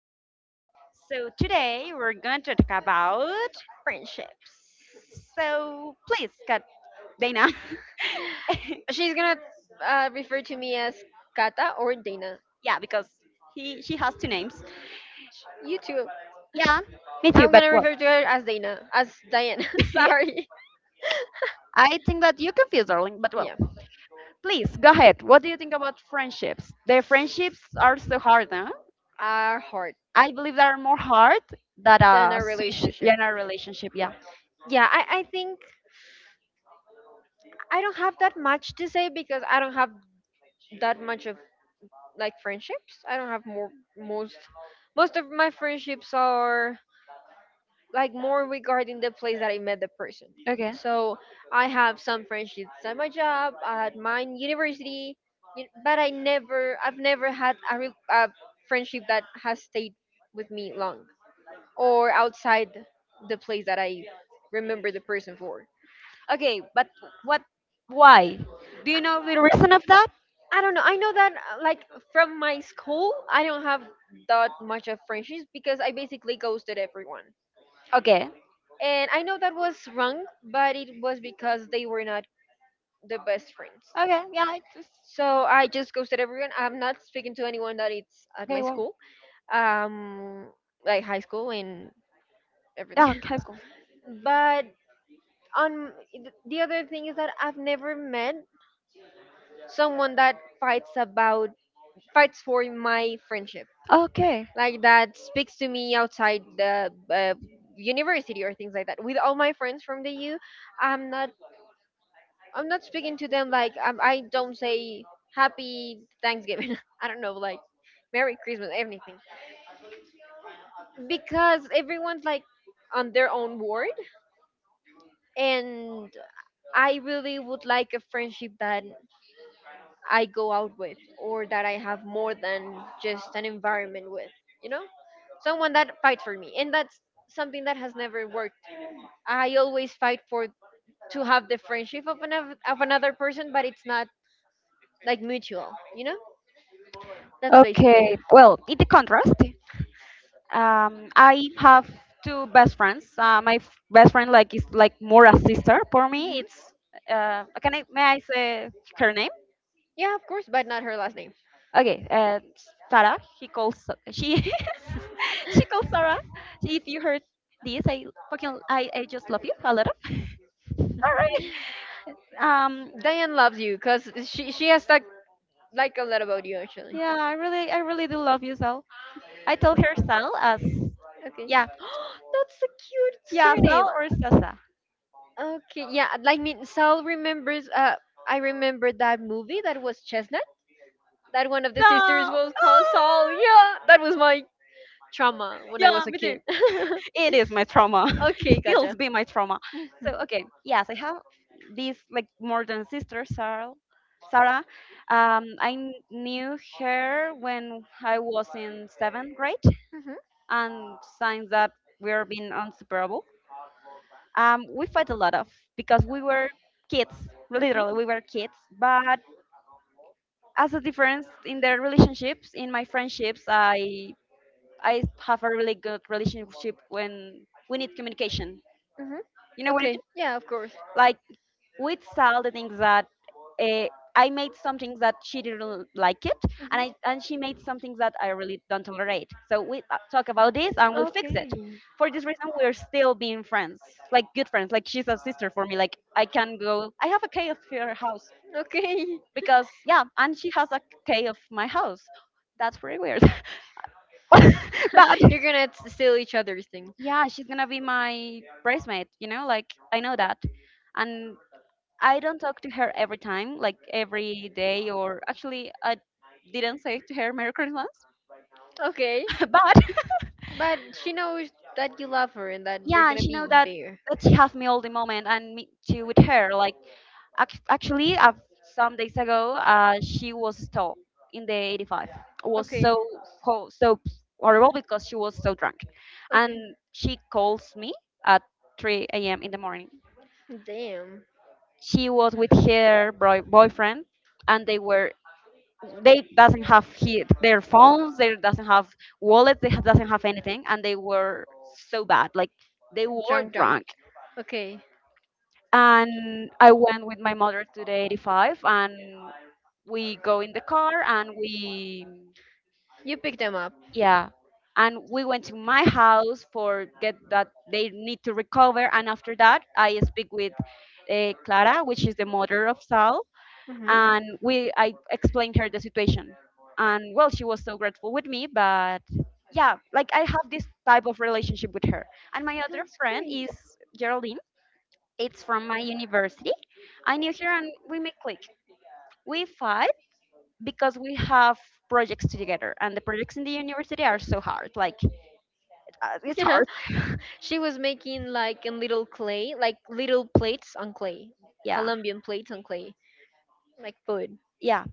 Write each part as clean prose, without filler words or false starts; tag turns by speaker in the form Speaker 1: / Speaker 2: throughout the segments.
Speaker 1: Dana
Speaker 2: So today we're going to talk about.
Speaker 1: friendships.
Speaker 2: So please, cut Dana.
Speaker 1: She's gonna refer to me as Kata or Dana.
Speaker 2: Yeah, because he she has two names.
Speaker 1: You too.
Speaker 2: Yeah, me too.
Speaker 1: I'm
Speaker 2: But
Speaker 1: gonna
Speaker 2: well,
Speaker 1: refer to her as Dana, as Diana.
Speaker 2: yeah,
Speaker 1: Sorry.
Speaker 2: you confused, darling. But well,
Speaker 1: Yeah,
Speaker 2: please go ahead. What do you think about friendships? The friendships are so hard, huh?
Speaker 1: our heart
Speaker 2: I believe they are more hard than
Speaker 1: than
Speaker 2: a
Speaker 1: a
Speaker 2: switch
Speaker 1: relationship.
Speaker 2: in a relationship. Yeah.
Speaker 1: Yeah, I think I don't have that much to say because I don't have that much of like friendships. I don't have more most most of my friendships are like more regarding the place that I met the person.
Speaker 2: Okay.
Speaker 1: So I have some friendships at my job, at my university, but I've never had a friendship that has stayed with me long or outside the place that I remember the person for.
Speaker 2: Okay, but what? Why? Do you know the reason of that?
Speaker 1: I don't know. I know that like from my school, I don't have that much of friendships because I basically ghosted everyone.
Speaker 2: Okay.
Speaker 1: And I know that was wrong, but it was because they were not the best friends.
Speaker 2: Okay, yeah, it was
Speaker 1: So I just ghosted everyone. I'm not speaking to anyone that it's at my
Speaker 2: okay. Well,
Speaker 1: school, um, like high school and
Speaker 2: yeah,
Speaker 1: everything.
Speaker 2: high school.
Speaker 1: But on the other thing is that I've never met someone that fights for my friendship,
Speaker 2: Okay,
Speaker 1: like that speaks to me outside the university or things like that. With all my friends from the U, I'm not I'm not speaking to them like I don't say happy Thanksgiving. I don't know like. Merry Christmas, anything. Because everyone's like on their own world, and I really would like a friendship that I go out with, or that I have more than just an environment with, you know someone that fights for me, and that's something that has never worked. I always fight for to have the friendship of another person, but it's not like mutual, that's basically it.
Speaker 2: Okay. Well, in the contrast, I have two best friends. Best friend like is like more a sister for me.
Speaker 1: Hmm.
Speaker 2: It's can I may I say her name?
Speaker 1: Yeah, of course, but not her last name.
Speaker 2: Okay, Sarah. He calls she she calls Sarah. If you heard this, I just love you a lot. Sorry. Um,
Speaker 1: Diane loves you because she has that like a lot about you actually.
Speaker 2: yeah, I really do love you, Sal. I told her Sal as
Speaker 1: Okay.
Speaker 2: yeah.
Speaker 1: That's a cute
Speaker 2: Yeah,
Speaker 1: surname.
Speaker 2: Sal or Sasa?
Speaker 1: Okay, yeah, like me Sal remembers I remember that movie that was Chestnut. That one of the sisters
Speaker 2: Sal. Ah!
Speaker 1: was called Sal. Yeah, that was my trauma when I
Speaker 2: Yeah,
Speaker 1: was a
Speaker 2: me too.
Speaker 1: kid.
Speaker 2: It is my trauma. It
Speaker 1: Okay,
Speaker 2: still
Speaker 1: gotcha.
Speaker 2: be my trauma.
Speaker 1: Mhm,
Speaker 2: So okay, yes, I have this like more than sister, Sarah. Sarah, knew her when I was in 7th grade,
Speaker 1: mhm,
Speaker 2: and since that we're being unseparable. We fight a lot of because we were kids, literally we were kids. But as a difference in their relationships, in my friendships, I have a really good relationship when we need communication.
Speaker 1: mhm.
Speaker 2: You know what I
Speaker 1: Okay,
Speaker 2: mean?
Speaker 1: yeah, of course.
Speaker 2: Like with Sal, the things that uh, I made some things that she didn't like it, and she
Speaker 1: Mhm.
Speaker 2: made some things that I really don't tolerate. So we talk about this and we fix it.
Speaker 1: Okay.
Speaker 2: For this reason, we're still being friends, like good friends. Like she's a sister for me. Like I can go. I have a key of her house
Speaker 1: Okay.
Speaker 2: because yeah, and she has a key of my house. That's pretty weird, but
Speaker 1: You're gonna steal each other's thing.
Speaker 2: yeah, she's gonna be my bridesmaid, you know, like I know that. And I don't talk to her every time, like every day, or actually, I didn't say to her Merry Christmas.
Speaker 1: Okay.
Speaker 2: but
Speaker 1: But she knows that you love her and that you're
Speaker 2: yeah, and
Speaker 1: gonna
Speaker 2: she
Speaker 1: be
Speaker 2: know that
Speaker 1: there.
Speaker 2: that she have me all the moment and me too with her. Like actually, some days ago, she was stopped in the 85. Was
Speaker 1: Okay.
Speaker 2: so so horrible because she was so drunk,
Speaker 1: Okay.
Speaker 2: and she calls me at 3 a.m. in the morning.
Speaker 1: Damn.
Speaker 2: She was with her boyfriend and they doesn't have their phones, they doesn't have wallets, they doesn't have anything, and they were so bad like they were
Speaker 1: Drunk, drunk.
Speaker 2: drunk.
Speaker 1: Okay.
Speaker 2: And I went with my mother to the 85, and we go in the car, and we
Speaker 1: You pick them up.
Speaker 2: yeah, and we went to my house for get that they need to recover. And after that I speak with Clara, which is the mother of Sal,
Speaker 1: Hmm.
Speaker 2: and we I explained her the situation, and well, she was so grateful with me. But yeah, like I have this type of relationship with her. And my other
Speaker 1: That's
Speaker 2: friend
Speaker 1: great.
Speaker 2: is Geraldine. It's from my university. I knew her, and we make click. We fight because we have projects together, and the projects in the university are so hard. Like it's
Speaker 1: Yeah.
Speaker 2: hard.
Speaker 1: She was making like in little clay, like little plates on clay,
Speaker 2: Yeah,
Speaker 1: Colombian plates on clay, like food.
Speaker 2: yeah,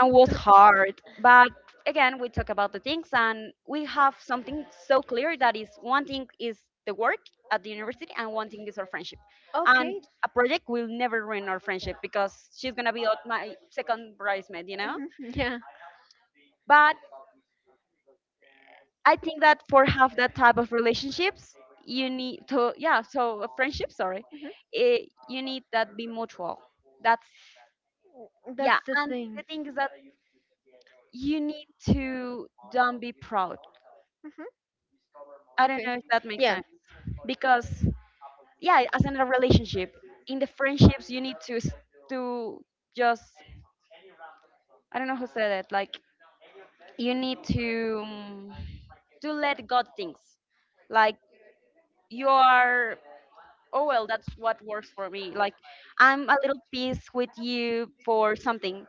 Speaker 2: and was hard. But again, we talk about the things, and we have something so clear that is one thing is the work at the university, and one thing is our friendship. And
Speaker 1: Okay.
Speaker 2: a project will never ruin our friendship because she's gonna be out my second bridesmaid, you know.
Speaker 1: Mhm, yeah.
Speaker 2: But I think that for half that type of relationships, you need to yeah, so a friendship, sorry,
Speaker 1: Hmm.
Speaker 2: eh, you need that be mutual. That's yeah,
Speaker 1: That's the
Speaker 2: and the
Speaker 1: thing.
Speaker 2: thing is that you need to don't be proud.
Speaker 1: Hmm.
Speaker 2: I don't
Speaker 1: Okay.
Speaker 2: know if that makes
Speaker 1: Yeah.
Speaker 2: sense because yeah, as in a relationship, in the friendships you need to to just I don't know who said it like you need to let God things like you are oh well that's what works for me like I'm a little peace with you for something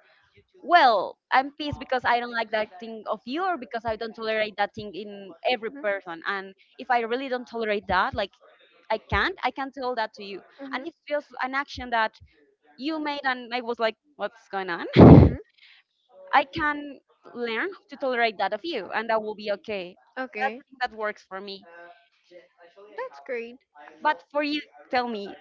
Speaker 2: well I'm peace because I don't like that thing of you or because I don't tolerate that thing in every
Speaker 1: Hmm,
Speaker 2: person, and if I really don't tolerate that like I can't. I can tell that to you. And it's just an action that you made, and I was like, what's going on?
Speaker 1: hmm, hmm.
Speaker 2: I can learn to tolerate that of you, and that will be okay. That's
Speaker 1: Okay.
Speaker 2: the thing that works for me.
Speaker 1: That's great.
Speaker 2: But for you, tell me,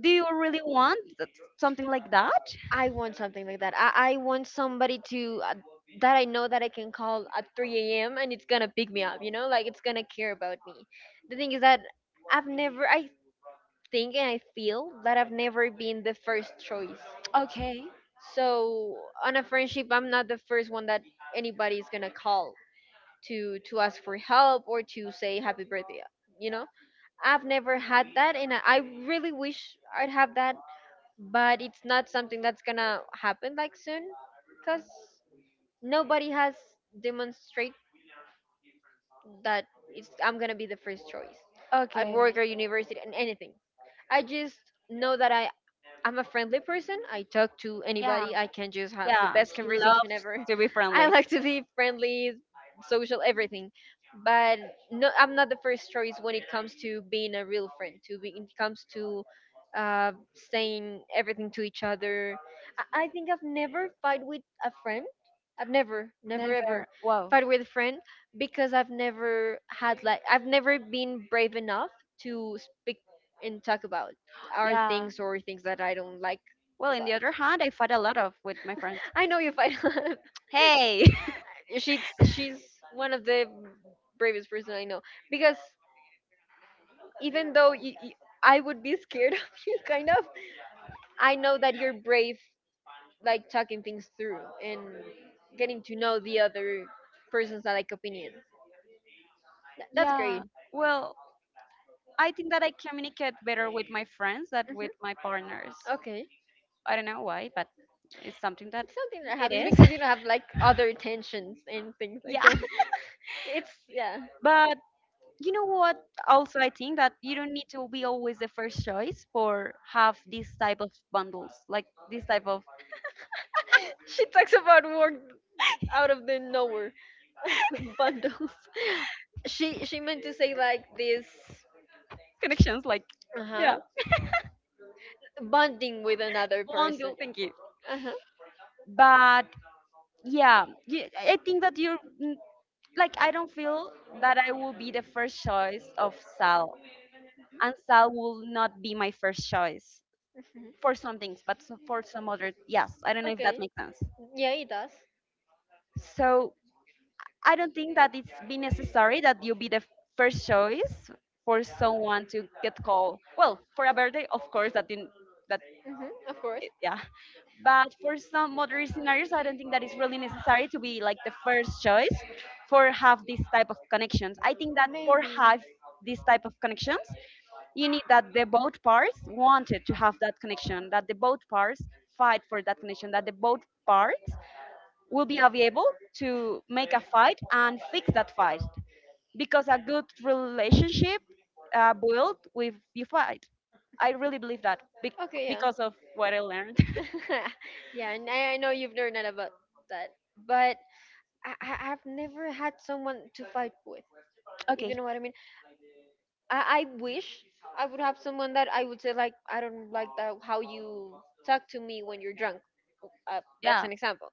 Speaker 2: do you really want that- something like that?
Speaker 1: I want something like that. I want somebody to that I know that I can call at 3 a.m. and it's gonna pick me up, you know, like it's gonna care about me. The thing is that I've never, I think and I feel that I've never been the first choice.
Speaker 2: Okay,
Speaker 1: So on a friendship, I'm not the first one that anybody's gonna call to ask for help or to say happy birthday. You know, I've never had that, and I really wish I'd have that, but it's not something that's gonna happen like soon, cause nobody has demonstrated that it's I'm gonna be the first choice at
Speaker 2: okay.
Speaker 1: work or university and anything. I just know that I'm a friendly person. I talk to
Speaker 2: Yeah,
Speaker 1: anybody. I can just have the
Speaker 2: yeah,
Speaker 1: best
Speaker 2: he
Speaker 1: conversation
Speaker 2: loves
Speaker 1: ever.
Speaker 2: to be
Speaker 1: I
Speaker 2: friendly.
Speaker 1: like to be friendly, social, everything. But no, I'm not the first choice when it comes to being a real friend. To be, it comes to uh, saying everything to each other. I think I've never fight with a friend. I've never, never
Speaker 2: Never.
Speaker 1: ever
Speaker 2: Wow.
Speaker 1: fight with a friend because I've never had like I've never been brave enough to speak and talk about our
Speaker 2: Yeah,
Speaker 1: things or things that I don't like
Speaker 2: well, in
Speaker 1: about.
Speaker 2: the other hand, I fight a lot of with my friends.
Speaker 1: I know you fight.
Speaker 2: Hey,
Speaker 1: She's one of the bravest person I know because even though I would be scared of you, kind of, I know that you're brave, like talking things through and getting to know the other person's like opinion. That's
Speaker 2: yeah.
Speaker 1: great.
Speaker 2: Well, I think that I communicate better with my friends than with my
Speaker 1: Hmm.
Speaker 2: partners.
Speaker 1: Okay.
Speaker 2: I don't know why, but it's something that
Speaker 1: It's something that
Speaker 2: it
Speaker 1: happens
Speaker 2: is.
Speaker 1: because you know have like other tensions and things like
Speaker 2: yeah.
Speaker 1: that. It's yeah.
Speaker 2: But you know what? Also, I think that you don't need to be always the first choice for have this type of bundles, like this type of
Speaker 1: She talks about work out of the nowhere bundles. She meant to say like this.
Speaker 2: connections, like
Speaker 1: Uh huh.
Speaker 2: yeah,
Speaker 1: Bonding with another
Speaker 2: bundle.
Speaker 1: person.
Speaker 2: Thank you.
Speaker 1: Uh huh.
Speaker 2: But yeah, you, I think that you're mm, like I don't feel that I will be the first choice of Sal, and Sal will not be my first choice. For some things, but for some other, yes. I don't know if that
Speaker 1: Okay.
Speaker 2: makes sense.
Speaker 1: Yeah, it does.
Speaker 2: So I don't think that it's be necessary that you be the first choice for someone to get called. Well, for a birthday, of course, that didn't that
Speaker 1: Mhm, of
Speaker 2: yeah. But for
Speaker 1: course.
Speaker 2: some other scenarios, I don't think that it's really necessary to be like the first choice for have this type of connections. I think that for have this type of connections, you need that the both parts wanted to have that connection, that the both parts fight for that connection, that the both parts will be available to make a fight and fix that fight. Because a good relationship built with you fight. I really believe that
Speaker 1: Okay, yeah.
Speaker 2: because of what I learned.
Speaker 1: Yeah, and I know you've learned that about that, but I've never had someone to fight with. If you
Speaker 2: okay,
Speaker 1: know what I mean. I wish I would have someone that I would say like I don't like that how you talk to me when you're drunk. That's
Speaker 2: yeah.
Speaker 1: an example.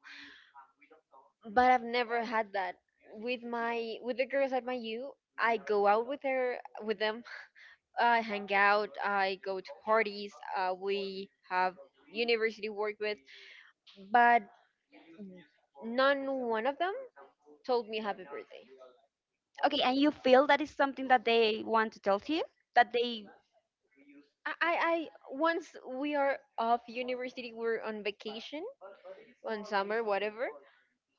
Speaker 1: But I've never had that with my with the girls at my U. I go out with her with them. I hang out, I go to parties, we have university work with, but none one of them told me happy birthday.
Speaker 2: Okay, and you feel that is something that they want to tell to you? That they.
Speaker 1: I once we are off university, we're on vacation, on summer, whatever.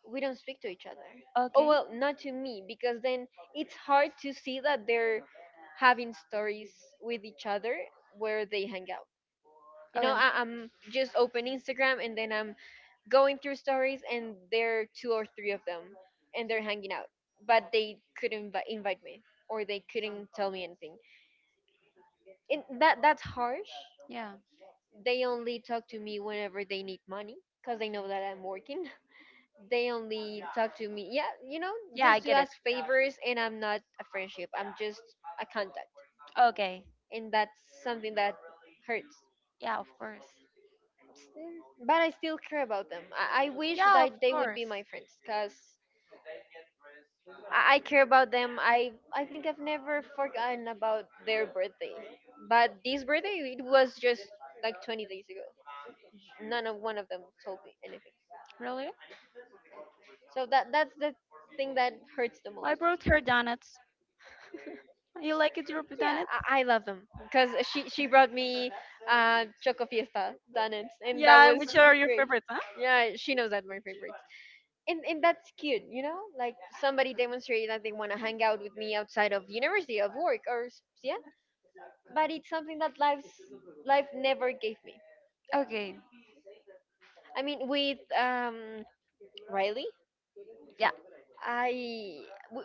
Speaker 1: We don't speak to each other. Oh
Speaker 2: Okay,
Speaker 1: well, not to me because then it's hard to see that they're having stories with each other where they hang out. You know, I'm just open Instagram and then I'm going through stories and there are two or three of them and they're hanging out, but they couldn't invite me or they couldn't tell me anything, and that's harsh.
Speaker 2: yeah.
Speaker 1: They only talk to me whenever they need money because they know that I'm working. They only talk to me, yeah, you know,
Speaker 2: Yeah, I
Speaker 1: just to
Speaker 2: get it.
Speaker 1: ask favors, and I'm not a friendship, I'm just a contact.
Speaker 2: Okay,
Speaker 1: And that's something that hurts.
Speaker 2: yeah, of course.
Speaker 1: Mm, but I still care about them. I wish
Speaker 2: Yeah, of
Speaker 1: that they would
Speaker 2: course.
Speaker 1: be my friends because I care about them. I think I've never forgotten about their birthday. But this birthday, it was just like 20 days ago. None of one of them told me anything.
Speaker 2: Really.
Speaker 1: So that's the thing that hurts the
Speaker 2: I
Speaker 1: most.
Speaker 2: brought her donuts. You like it, your
Speaker 1: Yeah,
Speaker 2: donuts?
Speaker 1: I love them because she brought me Choco Fiesta donuts, and that
Speaker 2: Yeah,
Speaker 1: was
Speaker 2: which are your
Speaker 1: great.
Speaker 2: favorites, huh?
Speaker 1: Yeah, she knows that my favorite. And that's cute, you know, like somebody demonstrated that they want to hang out with me outside of university of work or yeah, but it's something that life never gave me.
Speaker 2: Okay,
Speaker 1: I mean with Riley,
Speaker 2: yeah.
Speaker 1: I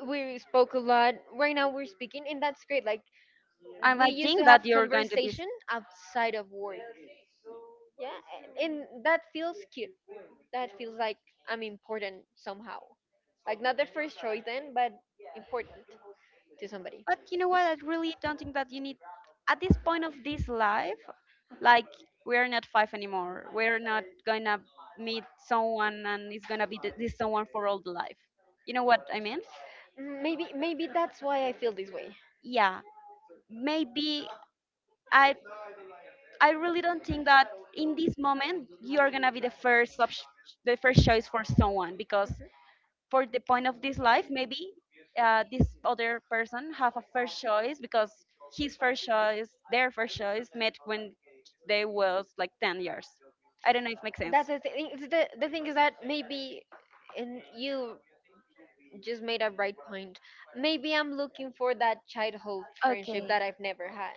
Speaker 1: we spoke a lot. Right now we're speaking and that's great, like we
Speaker 2: I
Speaker 1: used to
Speaker 2: think
Speaker 1: have
Speaker 2: that you're going to be. S-
Speaker 1: conversation outside of work. Yeah, and that feels cute, that feels like I'm important somehow, like not the first choice then, but important to somebody.
Speaker 2: But you know what? I really don't think that you need. At this point of this life, like, we're not five anymore. We're not gonna meet someone and it's gonna be this someone for all the life. You know what I mean?
Speaker 1: Mm, maybe maybe that's why I feel this way.
Speaker 2: Yeah. Maybe I I really don't think that in this moment you're gonna be the first the first choice for someone because
Speaker 1: Mhm.
Speaker 2: for the point of this life maybe this other person have a first choice because his first choice their first choice met when they was like 10 years. I don't know if it makes sense.
Speaker 1: That's the thing. It's the thing is that maybe, and you just made a bright point. Maybe I'm looking for that childhood friendship
Speaker 2: Okay,
Speaker 1: that I've never had.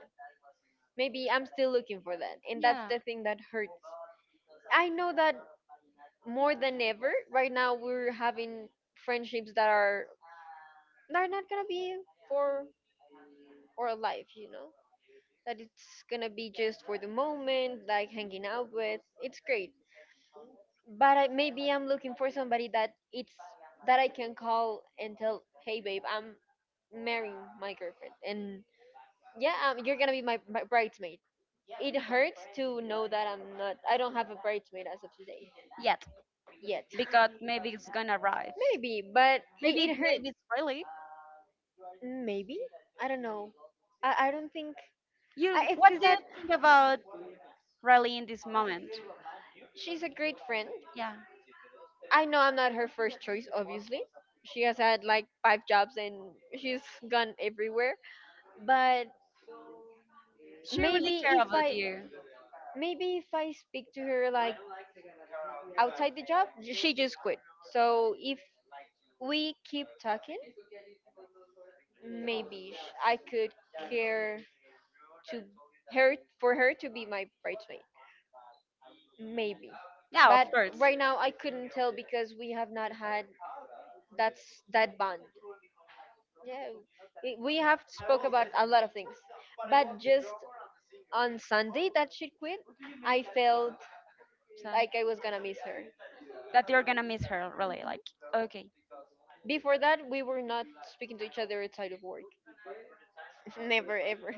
Speaker 1: Maybe I'm still looking for that, and that's
Speaker 2: yeah,
Speaker 1: the thing that hurts. I know that more than ever right now we're having friendships that are not gonna be for for life, you know. That it's gonna be just for the moment, like hanging out with. It's great, but I, maybe I'm looking for somebody that it's that I can call and tell, hey babe, I'm marrying my girlfriend, and yeah, you're gonna be my bridesmaid. It hurts to know that I'm not. I don't have a bridesmaid as of today
Speaker 2: yet,
Speaker 1: yet.
Speaker 2: because maybe it's gonna arrive
Speaker 1: Maybe, but
Speaker 2: maybe
Speaker 1: it
Speaker 2: maybe
Speaker 1: hurts.
Speaker 2: it's really,
Speaker 1: Maybe I don't know. I don't think
Speaker 2: you what
Speaker 1: it's
Speaker 2: do you
Speaker 1: that
Speaker 2: think about Riley in this moment?
Speaker 1: she's a great friend. I know I'm not her first choice, obviously. She has had like five jobs and she's gone everywhere. But
Speaker 2: She really
Speaker 1: maybe
Speaker 2: care
Speaker 1: if
Speaker 2: about
Speaker 1: I
Speaker 2: you
Speaker 1: maybe if I speak to her like outside the job, she just quit. So if we keep talking, maybe I could care to her for her to be my bridesmaid. Maybe.
Speaker 2: yeah of
Speaker 1: But
Speaker 2: course
Speaker 1: right now I couldn't tell because we have not had that bond. Yeah, we have spoke about a lot of things, but just on Sunday that she quit, I felt
Speaker 2: so,
Speaker 1: like I was gonna miss her.
Speaker 2: that you're gonna miss her really
Speaker 1: Mhm.
Speaker 2: like okay
Speaker 1: Before that, we were not speaking to each other outside of work. Never ever.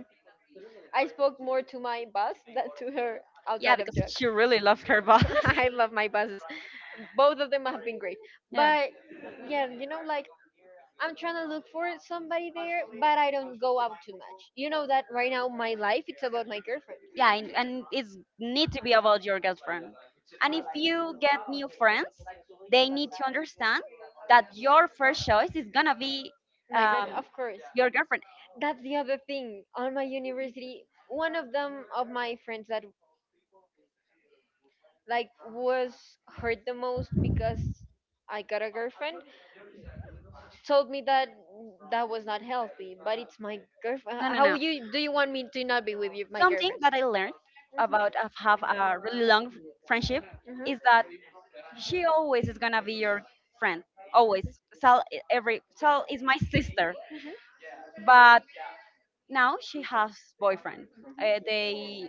Speaker 1: I spoke more to my boss than to her
Speaker 2: yeah
Speaker 1: outside of
Speaker 2: because
Speaker 1: job.
Speaker 2: she really loved her boss.
Speaker 1: I love my bosses. Both of them have been great.
Speaker 2: yeah
Speaker 1: But yeah, you know, like I'm trying to look for somebody there, but I don't go out too much. You know that right now my life it's about my girlfriend.
Speaker 2: yeah and it's need to be about your girlfriend, and if you get new friends they need to understand that your first choice is gonna be
Speaker 1: My girl,
Speaker 2: um,
Speaker 1: of course.
Speaker 2: your girlfriend.
Speaker 1: That's the other thing. On my university, one of them of my friends that was hurt the most because I got a girlfriend told me that that was not healthy. But it's my girlfriend.
Speaker 2: no no
Speaker 1: How
Speaker 2: no
Speaker 1: you do you want me to not be with you, my
Speaker 2: something
Speaker 1: girlfriend?
Speaker 2: that I learned about of have a really long friendship
Speaker 1: Mhm, mhm, mhm,
Speaker 2: is that she always is gonna be your friend always. Sal every Sal is my sister. But now she has boyfriend,
Speaker 1: mhm.
Speaker 2: they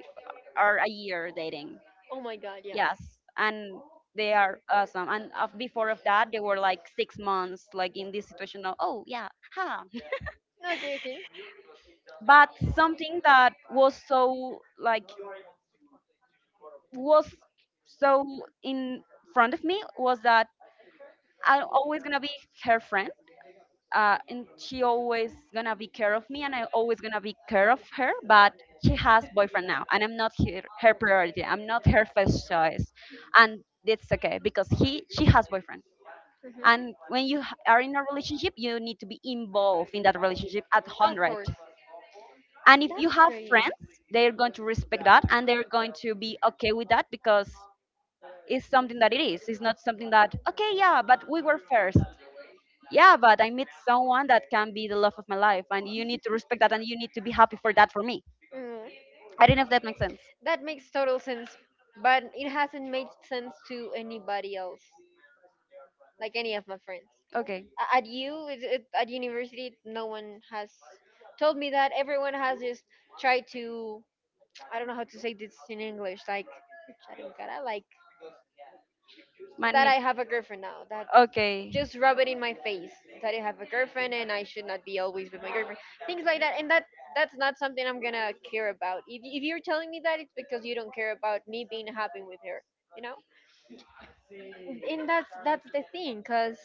Speaker 2: are a year dating.
Speaker 1: Oh my god, yeah.
Speaker 2: Yes, and they are awesome. And of, before of that, they were like 6 months, like in this situation of oh yeah, ha.
Speaker 1: Okay, okay.
Speaker 2: But something that was so like was so in front of me was that I'm always gonna be her friend, and she always gonna be care of me, and I always gonna be care of her. But she has boyfriend now, and I'm not her, her priority. I'm not her first choice, and it's okay because he she has boyfriend, and when you
Speaker 1: Mhm.
Speaker 2: are in a relationship you need to be involved in that relationship at
Speaker 1: Of
Speaker 2: 100,
Speaker 1: course.
Speaker 2: and if you
Speaker 1: That's
Speaker 2: have
Speaker 1: great.
Speaker 2: friends they're going to respect that and they're going to be okay with that because it's something that it's not something that okay yeah but we were first, yeah but I meet someone that can be the love of my life, and you need to respect that and you need to be happy for that for me.
Speaker 1: Mm,
Speaker 2: I don't know if that makes sense.
Speaker 1: that makes total sense, but it hasn't made sense to anybody else, like any of my friends.
Speaker 2: Okay.
Speaker 1: A- At you, it- it- at university, no one has told me that. Everyone has just tried to, I don't know how to say this in English, like, "Charingara," like that
Speaker 2: Mani-
Speaker 1: I have a girlfriend now. That
Speaker 2: okay.
Speaker 1: just rub it in my face that I have a girlfriend and I should not be always with my girlfriend. Things like that, and that's not something I'm gonna care about. If you're telling me that, it's because you don't care about me being happy with her, you know. And that's the thing, cause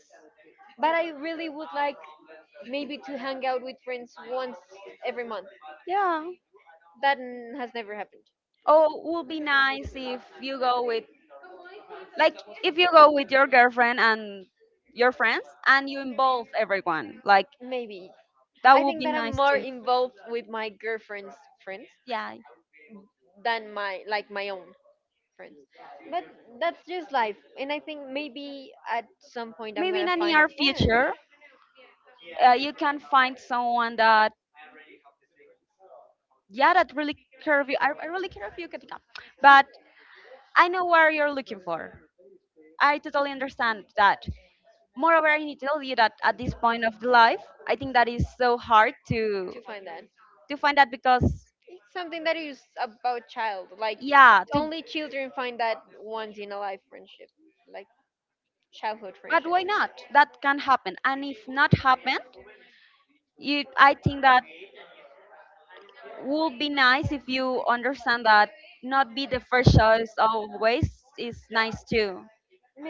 Speaker 1: but I really would like maybe to hang out with friends once every month.
Speaker 2: Yeah.
Speaker 1: Has never happened.
Speaker 2: Oh, it would be nice if you go with, like, if you go with your girlfriend and your friends and you involve everyone. Like,
Speaker 1: Maybe
Speaker 2: that
Speaker 1: I
Speaker 2: would
Speaker 1: think
Speaker 2: be
Speaker 1: that I'm
Speaker 2: nice
Speaker 1: more
Speaker 2: too.
Speaker 1: involved with my girlfriend's friends
Speaker 2: Yeah.
Speaker 1: than my own friends. But that's just life. And I think maybe at some point I'm
Speaker 2: Maybe in
Speaker 1: gonna
Speaker 2: a
Speaker 1: find a
Speaker 2: near
Speaker 1: friend
Speaker 2: future, you can find someone that, yeah, that really care of you. I really care of you, Katika. But I know where you're looking for. I totally understand that. Moreover, I need to tell you that at this point of the life, I think that is so hard to
Speaker 1: to find that.
Speaker 2: find that because
Speaker 1: It's something that is about child. Like
Speaker 2: yeah to
Speaker 1: only children find that once in a life friendship. Like childhood
Speaker 2: but
Speaker 1: friendship.
Speaker 2: why not that can happen, and if not happen you I think that would be nice if you understand that not be the first choice always is nice too,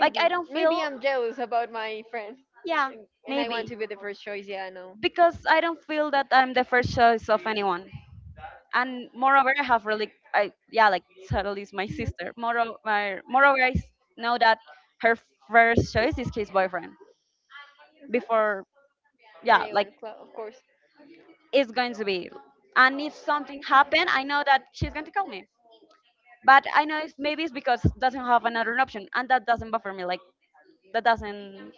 Speaker 2: like I don't feel.
Speaker 1: Maybe I'm jealous about my friend.
Speaker 2: Yeah,
Speaker 1: And I want
Speaker 2: maybe
Speaker 1: to be the first choice, yeah, I know.
Speaker 2: because I don't feel that I'm the first choice of anyone, and moreover I have really I yeah like totally is my
Speaker 1: Mhm.
Speaker 2: sister moreover moreover i s- know that her first choice is his boyfriend before, yeah like
Speaker 1: Anyone, clo- of course.
Speaker 2: is going to be. And if something happened, I know that she's going to call me. But I know it's, maybe it's because doesn't have another option, and that doesn't bother me. Like that doesn't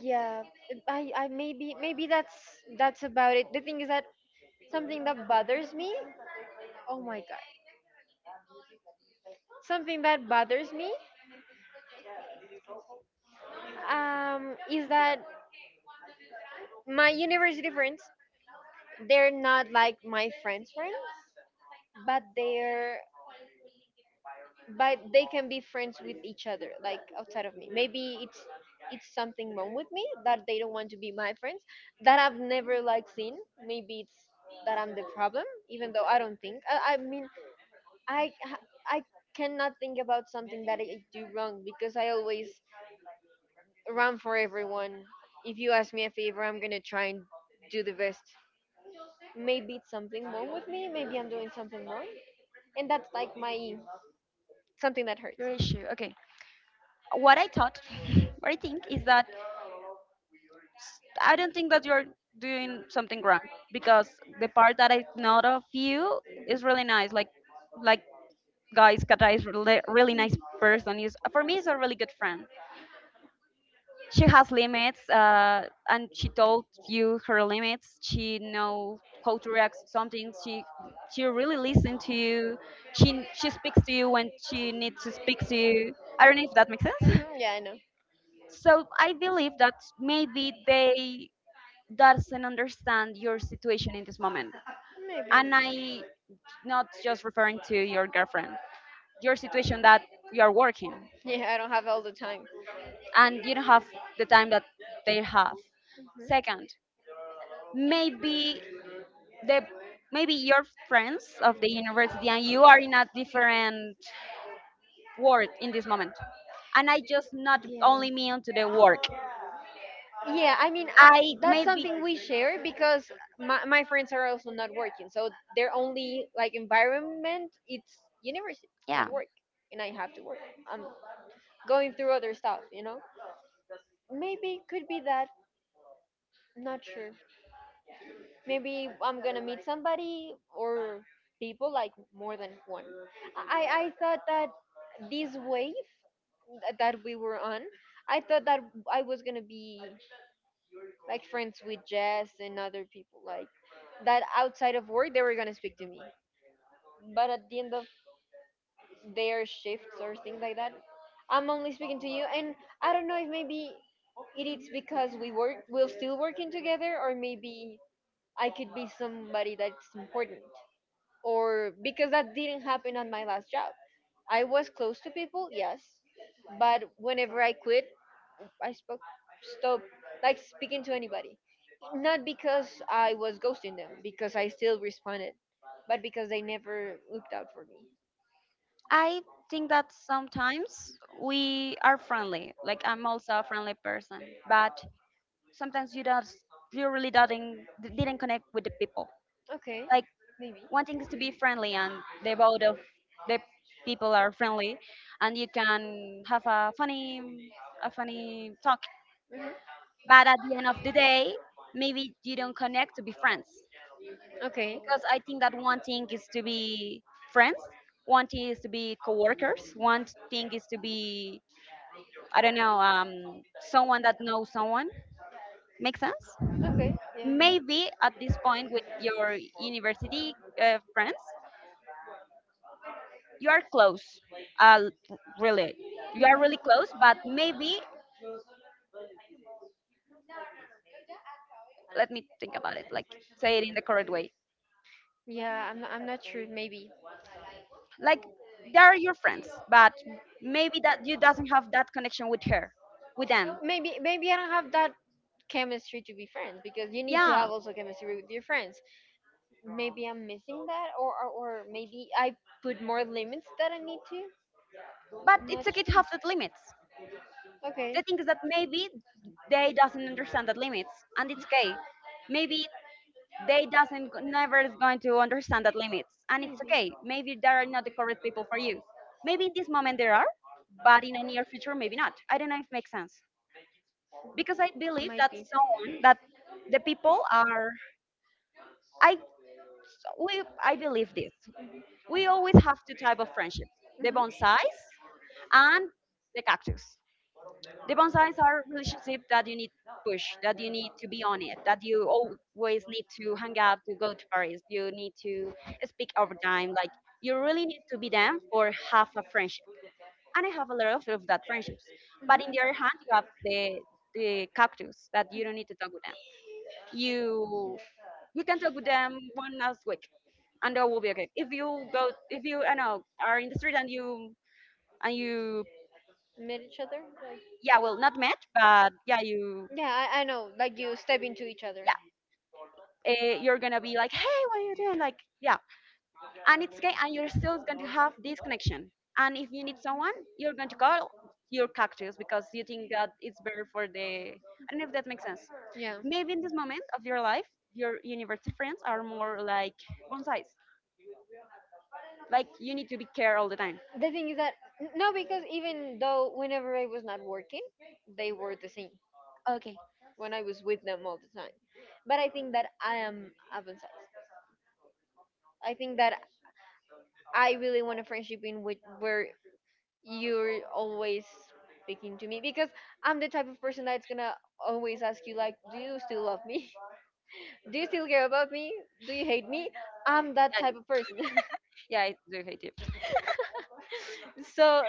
Speaker 1: Yeah, I maybe maybe that's about it. The thing is that something that bothers me? Oh my god. Something that bothers me is that my university friends, they're not like my friends' friends, but they're but they can be friends with each other, like outside of me. Maybe it's something wrong with me that they don't want to be my friends that I've never seen. Maybe it's that I'm the problem, even though I don't think. I mean, I I cannot think about something that I do wrong because I always run for everyone. If you ask me a favor, I'm gonna try and do the best. Maybe it's something wrong with me, maybe I'm doing something wrong. And that's like my something that hurts.
Speaker 2: your issue. Okay. What I thought, what I think is that I don't think that you're doing something wrong because the part that I know of you is really nice. Like, like guys, Kata is really, really nice person. Is for me, is a really good friend. She has limits, and she told you her limits, she know how to react to something, she really listens to you, she speaks to you when she needs to speak to you. I don't know if that makes sense.
Speaker 1: Hmm, yeah, I know.
Speaker 2: So I believe that maybe they doesn't understand your situation in this moment,
Speaker 1: Maybe.
Speaker 2: and I not just referring to your girlfriend, your situation that you are working
Speaker 1: Yeah, I don't have all the time.
Speaker 2: and you don't have the time that they have. Second, maybe the maybe your friends of the university and you are in a different world in this moment, and I just not only
Speaker 1: Mhm.
Speaker 2: mean to the
Speaker 1: Yeah.
Speaker 2: work.
Speaker 1: Yeah, I mean,
Speaker 2: I
Speaker 1: that's
Speaker 2: maybe
Speaker 1: something we share because my friends are also not working. So their only environment it's university, not
Speaker 2: yeah
Speaker 1: work. And I have to work. I'm going through other stuff, you know? Maybe it could be that, not sure. Maybe I'm going to meet somebody or people like more than one. I thought that this wave that we were on, I thought that I was going to be like friends with Jess and other people like that outside of work they were gonna speak to me. But at the end of their shifts or things like that, I'm only speaking to you and I don't know if maybe it is because we're still working together or maybe I could be somebody that's important or because that didn't happen on my last job. I was close to people, yes, but whenever I quit, I spoke stop like speaking to anybody. Not because I was ghosting them, because I still responded, but because they never looked out for me.
Speaker 2: I think that sometimes we are friendly, like I'm also a friendly person, but sometimes you don't you really didn't connect with the people.
Speaker 1: Okay,
Speaker 2: Like
Speaker 1: maybe.
Speaker 2: one thing is to be friendly and the both of the people are friendly and you can have a funny talk.
Speaker 1: Mhm.
Speaker 2: But at the end of the day, maybe you don't connect to be friends.
Speaker 1: Okay,
Speaker 2: Because I think that one thing is to be friends, one thing is to be coworkers, one thing is to be, I don't know, someone that knows someone. Make sense?
Speaker 1: okay, yeah.
Speaker 2: Maybe at this point with your university friends, you are close, uh, really. You are really close, but maybe, let me think about it, like say it in the correct way,
Speaker 1: Yeah, I'm not sure. Maybe
Speaker 2: like they are your friends but maybe that you doesn't have that connection with her with them.
Speaker 1: maybe I don't have that chemistry to be friends because you need to
Speaker 2: Yeah,
Speaker 1: have also chemistry with your friends. Maybe I'm missing that, or maybe I put more limits that I need to.
Speaker 2: but it's
Speaker 1: Not
Speaker 2: okay to
Speaker 1: sure.
Speaker 2: have that limits.
Speaker 1: Okay.
Speaker 2: The thing is that maybe they doesn't understand that limits, and it's okay. Maybe they doesn't never is going to understand that limits, and it's okay. Maybe they are not the correct people for you. Maybe in this moment there are, but in a near future maybe not. I don't know if it makes sense. Because I believe
Speaker 1: Might
Speaker 2: that
Speaker 1: be.
Speaker 2: someone
Speaker 1: Mhm.
Speaker 2: that the people are I we I believe this. We always have two types of friendships: the
Speaker 1: Mhm.
Speaker 2: bonsais and the cactus. The bonsais are relationships that you need to push, that you need to be on it, that you always need to hang out, to go to Paris, you need to speak over time. Like you really need to be them for half a friendship. And I have a lot of that friendships. But in the other hand, you have the cactus that you don't need to talk with them. You you can talk with them one last week and that will be okay. If you go, if you, I know, are in the street and you,
Speaker 1: Met each other? Like,
Speaker 2: yeah, well, not met, but yeah, you,
Speaker 1: yeah, I know. Like you step into each other.
Speaker 2: yeah, you're gonna be like, hey, what are you doing? Like, yeah, and it's okay, and you're still going to have this connection. And if you need someone, you're going to call your cactus because you think that it's better for the. I don't know if that makes sense.
Speaker 1: Yeah.
Speaker 2: Maybe in this moment of your life, your university friends are more like bonsais. Like you need to be care all the time.
Speaker 1: The thing is that no, because even though whenever I was not working, they were the same
Speaker 2: Okay.
Speaker 1: when I was with them all the time. But I think that I am advanced. I think that I really want a friendship in which where you're always speaking to me because I'm the type of person that's gonna always ask you like, "Do you still love me? Do you still care about me? Do you hate me?" I'm that type of person.
Speaker 2: Yeah, yeah, I do hate it.
Speaker 1: So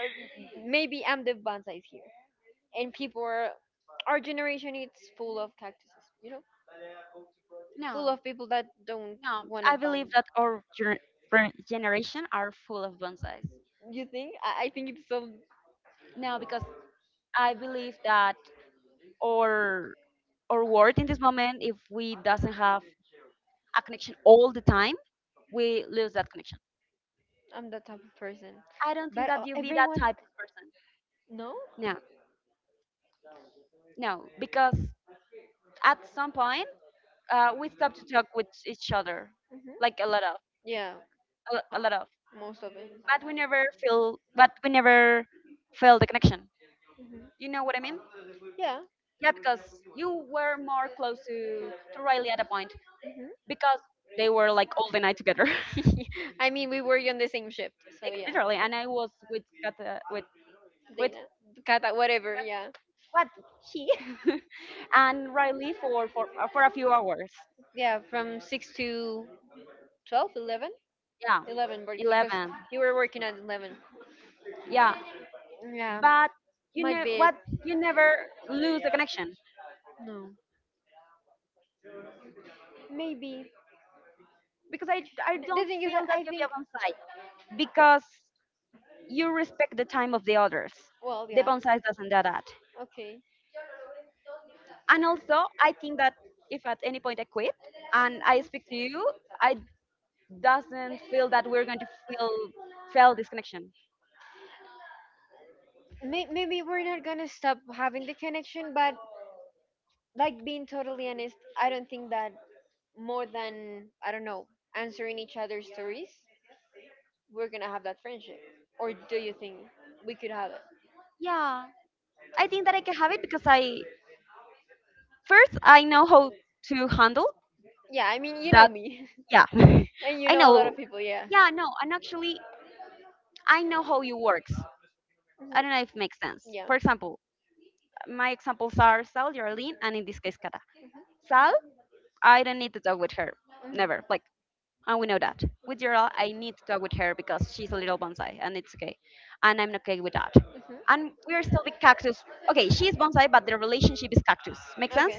Speaker 1: maybe I'm the bonsai here. And people are, our generation it's full of cactuses, you know? Full
Speaker 2: No.
Speaker 1: of people that don't
Speaker 2: No,
Speaker 1: want to
Speaker 2: I believe
Speaker 1: bond.
Speaker 2: that our generation are full of bonsais.
Speaker 1: You think? I think it's so.
Speaker 2: No, because I believe that our world in this moment, if we doesn't have a connection all the time, we lose that connection.
Speaker 1: I'm that type of person.
Speaker 2: I don't think
Speaker 1: But
Speaker 2: that you be that
Speaker 1: everyone.
Speaker 2: type of person.
Speaker 1: No?
Speaker 2: No, no, because at some point, we stop to talk with each other,
Speaker 1: Hmm,
Speaker 2: like a lot of
Speaker 1: yeah,
Speaker 2: a lot of,
Speaker 1: most of it.
Speaker 2: but we never feel, but we never feel the connection.
Speaker 1: Mhm.
Speaker 2: You know what I mean?
Speaker 1: Yeah.
Speaker 2: Yeah, because you were more close to Riley at a point
Speaker 1: Mhm.
Speaker 2: because they were like all the night together.
Speaker 1: I mean, we were on the same shift, so
Speaker 2: Like,
Speaker 1: yeah.
Speaker 2: literally. And I was with Kata, with
Speaker 1: Dana, Kata, whatever, yeah.
Speaker 2: what he and Riley for for a few hours.
Speaker 1: Yeah, from 6 to 12, 11?
Speaker 2: Yeah,
Speaker 1: Because
Speaker 2: 11.
Speaker 1: you were working at 11.
Speaker 2: Yeah,
Speaker 1: Yeah,
Speaker 2: but you
Speaker 1: might
Speaker 2: know
Speaker 1: be it.
Speaker 2: what? You never lose the connection
Speaker 1: No. Maybe.
Speaker 2: because I
Speaker 1: The
Speaker 2: don't
Speaker 1: thing is that
Speaker 2: feel that
Speaker 1: I
Speaker 2: you
Speaker 1: think.
Speaker 2: be a bonsai because you respect the time of the others.
Speaker 1: Well,
Speaker 2: The
Speaker 1: yeah.
Speaker 2: bonsai doesn't do that.
Speaker 1: Okay.
Speaker 2: And also, I think that if at any point I quit and I speak to you, I doesn't feel that we're going to feel fail this connection.
Speaker 1: Maybe we're not gonna stop having the connection, but like being totally honest, I don't think that more than I don't know answering each other's stories, we're gonna have that friendship. Or do you think we could have it?
Speaker 2: Yeah, I think that I can have it because I first I know how to handle
Speaker 1: Yeah, I mean you know
Speaker 2: that.
Speaker 1: me,
Speaker 2: Yeah.
Speaker 1: and you
Speaker 2: I
Speaker 1: know a lot
Speaker 2: know.
Speaker 1: of people. Yeah. Mhm.
Speaker 2: Yeah, no and actually
Speaker 1: Yeah.
Speaker 2: I know how you works.
Speaker 1: Mhm. Mhm. Okay.
Speaker 2: I don't know
Speaker 1: Okay.
Speaker 2: if it makes sense.
Speaker 1: Yeah.
Speaker 2: For example, my examples are Sal, Geraldine, and in this case Kata. Sal, I don't need to talk with her
Speaker 1: I,
Speaker 2: never, like, and we know that. With Gerald, I need to talk with her because she's a little bonsai, and it's okay, and I'm okay with that. And we are still the cactus. Okay, she's bonsai, but the relationship is cactus. Make sense?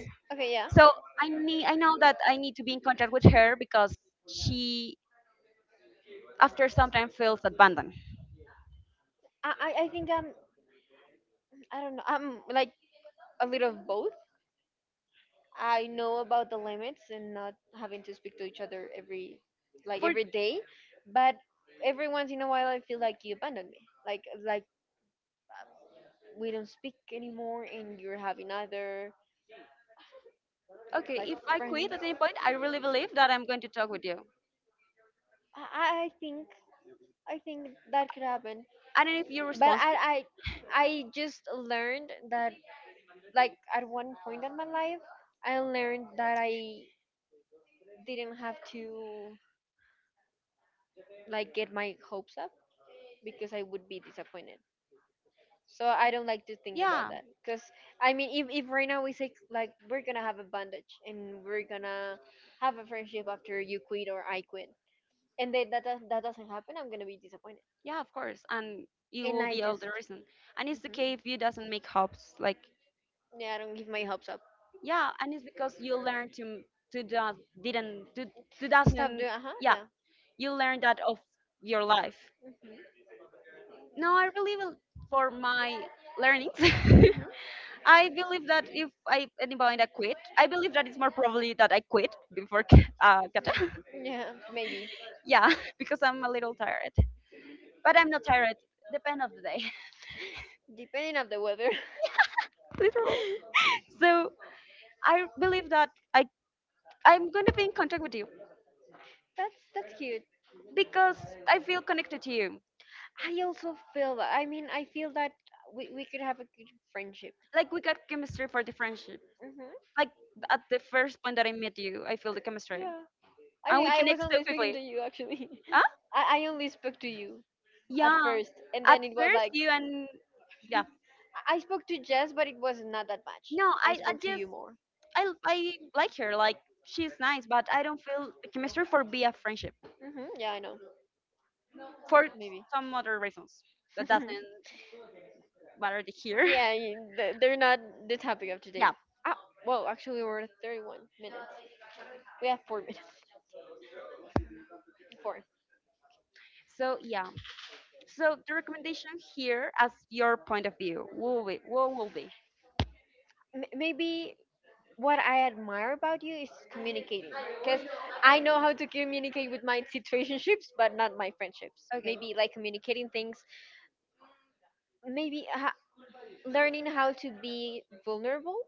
Speaker 2: So I need, I know that I need to be in contact with her because she, after some time, feels abandoned.
Speaker 1: I think I don't know. I'm like a little of both. I know about the limits and not having to speak to each other every
Speaker 2: For
Speaker 1: every day, but every once in a while I feel like you abandoned me. Like we don't speak anymore and you're having other
Speaker 2: okay,
Speaker 1: like
Speaker 2: if I
Speaker 1: friends.
Speaker 2: quit at any point, I really believe that I'm going to talk with you.
Speaker 1: I think I think that could happen.
Speaker 2: And if you're
Speaker 1: But I
Speaker 2: responsible,
Speaker 1: I I just learned that like at one point in my life I learned that I didn't have to like get my hopes up because I would be disappointed. So I don't like to think about
Speaker 2: yeah,
Speaker 1: that because I mean, if right now we say like we're gonna have a bandage and we're gonna have a friendship after you quit or I quit, and then that doesn't happen, I'm gonna be disappointed.
Speaker 2: yeah, of course, and you
Speaker 1: And
Speaker 2: will
Speaker 1: I
Speaker 2: be all
Speaker 1: just
Speaker 2: the reason. And it's okay if
Speaker 1: mhm.
Speaker 2: you doesn't make hopes. Like
Speaker 1: Yeah, I don't give my hopes up.
Speaker 2: yeah, and it's because you learn to do, didn't to
Speaker 1: Stop
Speaker 2: doesn't
Speaker 1: doing, uh huh,
Speaker 2: yeah
Speaker 1: yeah.
Speaker 2: you learn that of your life.
Speaker 1: Mhm.
Speaker 2: No, I believe will for my learnings. I believe that if I anybody that quit, I believe that it's more probably that I quit before Kata.
Speaker 1: Mhm. Yeah, maybe
Speaker 2: Yeah, because I'm a little tired, but I'm not tired. Depend of the day,
Speaker 1: depending on the weather.
Speaker 2: literally. So I believe that I I'm gonna be in contact with you
Speaker 1: That's cute.
Speaker 2: because I feel connected to you.
Speaker 1: I also feel that. I mean, I feel that we could have a good friendship.
Speaker 2: Like we got chemistry for the friendship.
Speaker 1: Hmm,
Speaker 2: Like at the first point that I met you, I feel the chemistry,
Speaker 1: yeah. I
Speaker 2: and
Speaker 1: think
Speaker 2: we
Speaker 1: I was
Speaker 2: connect so
Speaker 1: only speaking
Speaker 2: quickly.
Speaker 1: to you, actually.
Speaker 2: Huh?
Speaker 1: I only spoke to you at
Speaker 2: Yeah.
Speaker 1: first, and
Speaker 2: At
Speaker 1: then it was
Speaker 2: first,
Speaker 1: like. I
Speaker 2: you and yeah.
Speaker 1: I spoke to Jess, but it was not that much.
Speaker 2: No,
Speaker 1: I spoke to you more.
Speaker 2: I like her. Like she's nice, but I don't feel the chemistry for be a friendship
Speaker 1: Hmm, yeah, I know.
Speaker 2: for
Speaker 1: Maybe.
Speaker 2: some other reasons that doesn't matter to here.
Speaker 1: Yeah, they're not the topic of today.
Speaker 2: Yeah.
Speaker 1: Ah, well, actually, we're at 31 minutes. We have four minutes. Four.
Speaker 2: So yeah. So the recommendation here, as your point of view, will be what will be?
Speaker 1: Maybe what I admire about you is communicating. Because I know how to communicate with my situationships, but not my friendships.
Speaker 2: Okay.
Speaker 1: Maybe like communicating things, maybe learning how to be vulnerable.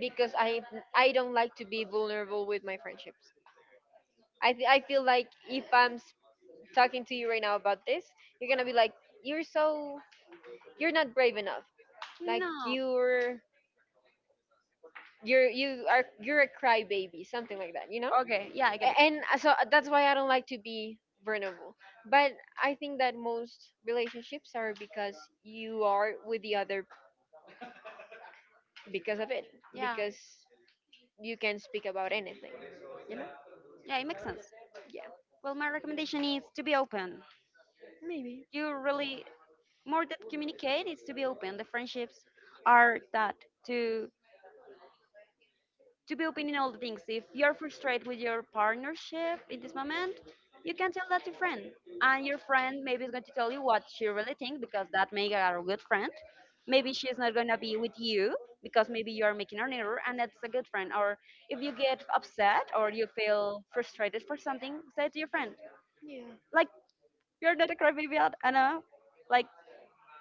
Speaker 1: Because I don't like to be vulnerable with my friendships. I feel like if talking to you right now about this, you're gonna be like, you're so you're not brave enough. Like
Speaker 2: No.
Speaker 1: you are you're a crybaby, something like that. You know
Speaker 2: Okay. Yeah, I get it.
Speaker 1: And that's why I don't like to be vulnerable. But I think that most relationships are because you are with the other because of it,
Speaker 2: Yeah.
Speaker 1: because you can speak about anything, you know?
Speaker 2: Yeah, it makes sense.
Speaker 1: Yeah,
Speaker 2: Well, my recommendation is to be open.
Speaker 1: maybe.
Speaker 2: You really more than communicate is to be open. The friendships are that to be open in all the things. If you're frustrated with your partnership in this moment, you can tell that to friend, and your friend maybe is going to tell you what she really thinks because that may are a good friend. Maybe she's not going to be with you because maybe you are making an error, and that's a good friend. Or if you get upset or you feel frustrated for something, say it to your friend.
Speaker 1: Yeah.
Speaker 2: Like you're not a crybaby at Anna. Like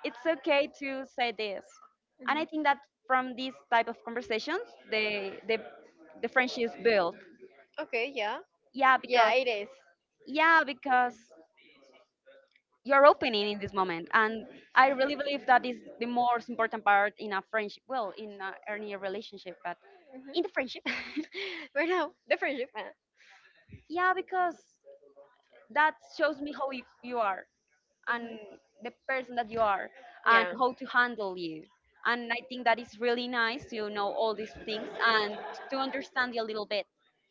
Speaker 2: it's okay to say this. And I
Speaker 1: Mhm.
Speaker 2: think that from these type of conversations the the the friendship is built.
Speaker 1: Okay. Yeah.
Speaker 2: Yeah,
Speaker 1: Yeah,
Speaker 2: because
Speaker 1: it is.
Speaker 2: yeah, because you're opening in this moment. And I really believe that is the most important part in a friendship. Well, in a, any relationship, but in the friendship.
Speaker 1: Right now, the friendship.
Speaker 2: Yeah, because that shows me how you, you are. And the person that you are and
Speaker 1: Yeah.
Speaker 2: how to handle you. And I think that is really nice to know all these things and to understand you a little bit.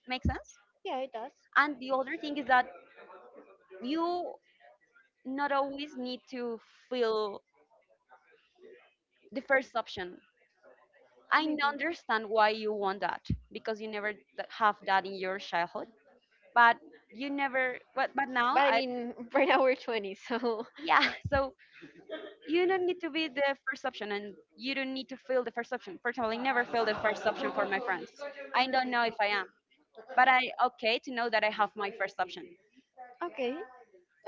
Speaker 2: Make sense?
Speaker 1: Yeah, it does.
Speaker 2: And the other thing is that you not always need to feel the first option.
Speaker 1: Maybe.
Speaker 2: Understand why you want that because you never have that in your childhood, but you never but but now
Speaker 1: But I
Speaker 2: I
Speaker 1: mean, right now we're 20, so
Speaker 2: yeah. So you don't need to be the first option and you don't need to feel the first option. For example, I never feel the first option for my friends. I don't know if I am, but I okay to know that I have my first option.
Speaker 1: okay,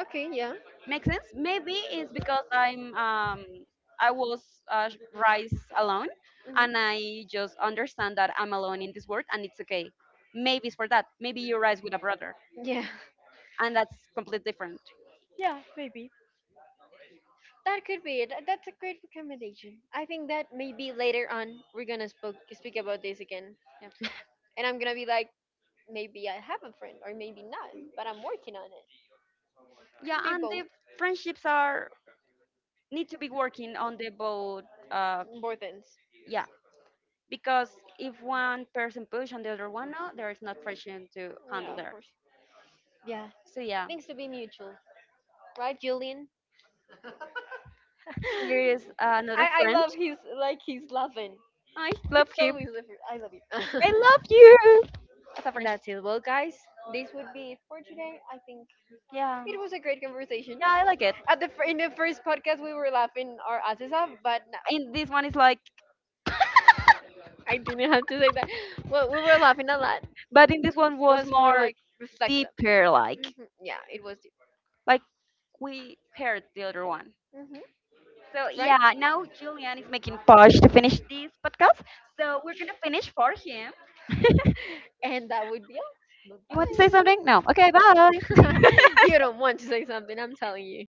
Speaker 1: okay, yeah.
Speaker 2: Makes sense? Maybe it's because I'm I was uh, raised alone,
Speaker 1: Hmm,
Speaker 2: and I just understand that I'm alone in this world and it's okay. Maybe it's for that. Maybe you rise with a brother
Speaker 1: yeah.
Speaker 2: and that's completely different.
Speaker 1: Yeah, maybe. That could be it. That's a great recommendation. I think that maybe later on we're gonna speak about this again.
Speaker 2: Yeah.
Speaker 1: And I'm gonna be like, maybe I have a friend, or maybe not, but I'm working on it.
Speaker 2: Yeah,
Speaker 1: Could be
Speaker 2: and the
Speaker 1: both.
Speaker 2: friendships are need to be working on the both uh
Speaker 1: Both ends.
Speaker 2: yeah, because if one person push and the other one no, there is not friction to handle
Speaker 1: Yeah, of
Speaker 2: there.
Speaker 1: course. Yeah.
Speaker 2: So yeah,
Speaker 1: Things to be mutual. Right, Julian?
Speaker 2: here is another
Speaker 1: I
Speaker 2: friend.
Speaker 1: love his, like, he's laughing.
Speaker 2: I love
Speaker 1: It's
Speaker 2: him.
Speaker 1: always different. I love you.
Speaker 2: I love you. It's a
Speaker 1: And
Speaker 2: friendship.
Speaker 1: that's it. Well, guys, this would be it for today. I think
Speaker 2: Yeah,
Speaker 1: it was a great conversation.
Speaker 2: yeah, I like it.
Speaker 1: At the in the first podcast, we were laughing our asses off, but no,
Speaker 2: In this one is like,
Speaker 1: I didn't have to say that. Well, we were laughing a lot.
Speaker 2: but in this one was
Speaker 1: Was more
Speaker 2: more
Speaker 1: like reflexive.
Speaker 2: deeper,
Speaker 1: Hmm, yeah, it was deep.
Speaker 2: like we heard the other one.
Speaker 1: Hmm.
Speaker 2: So
Speaker 1: Right.
Speaker 2: yeah, now Julian is making push to finish this podcast. So we're gonna finish for him.
Speaker 1: And that would be all.
Speaker 2: You want to say something? No.
Speaker 1: Bye.
Speaker 2: Okay, bye.
Speaker 1: You don't want to say something. I'm telling you.